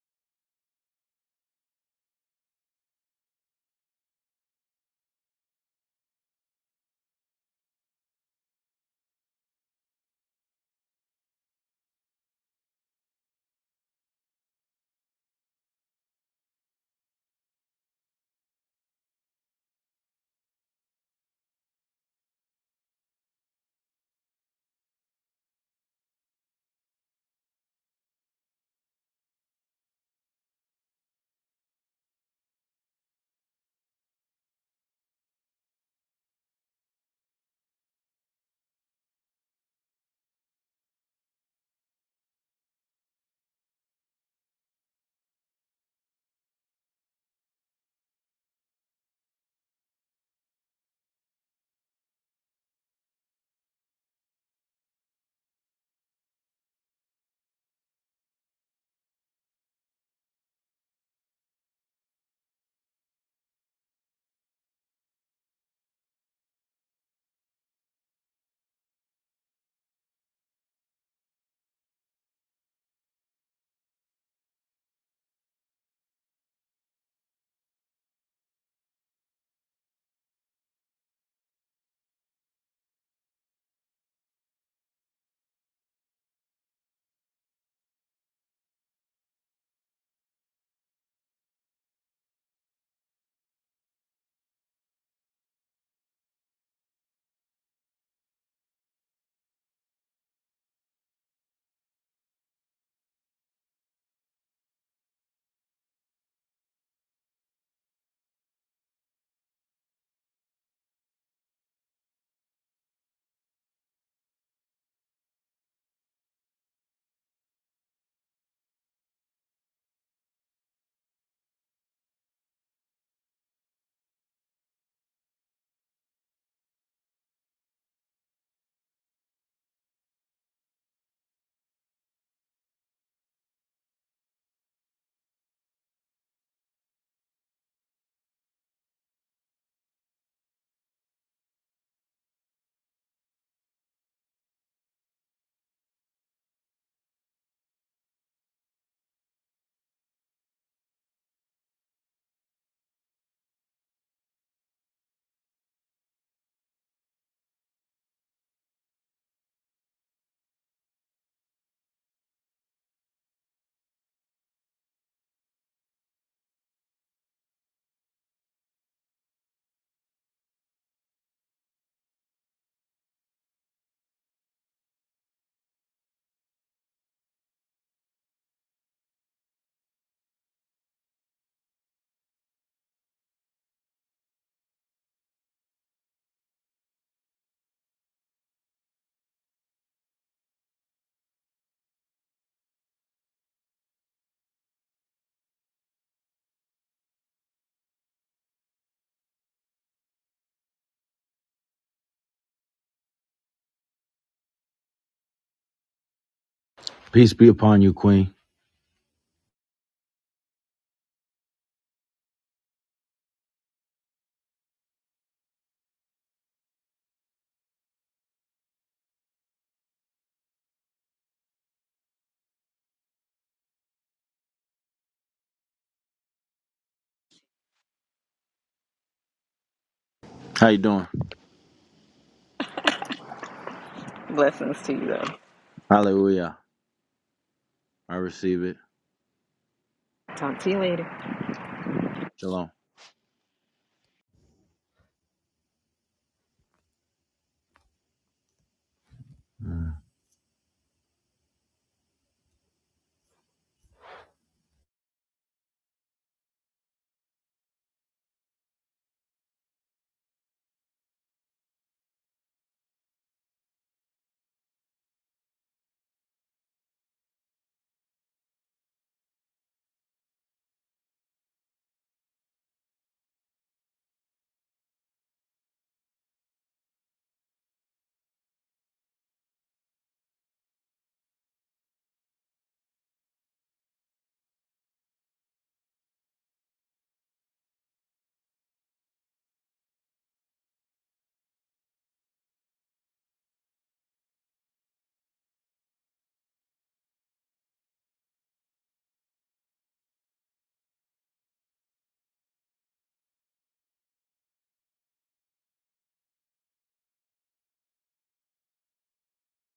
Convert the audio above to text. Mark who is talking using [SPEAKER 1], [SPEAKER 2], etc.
[SPEAKER 1] Peace be upon you, Queen. How you doing?
[SPEAKER 2] Blessings to you, though.
[SPEAKER 1] Hallelujah. I receive it.
[SPEAKER 2] Talk to you later.
[SPEAKER 1] Shalom. Mm.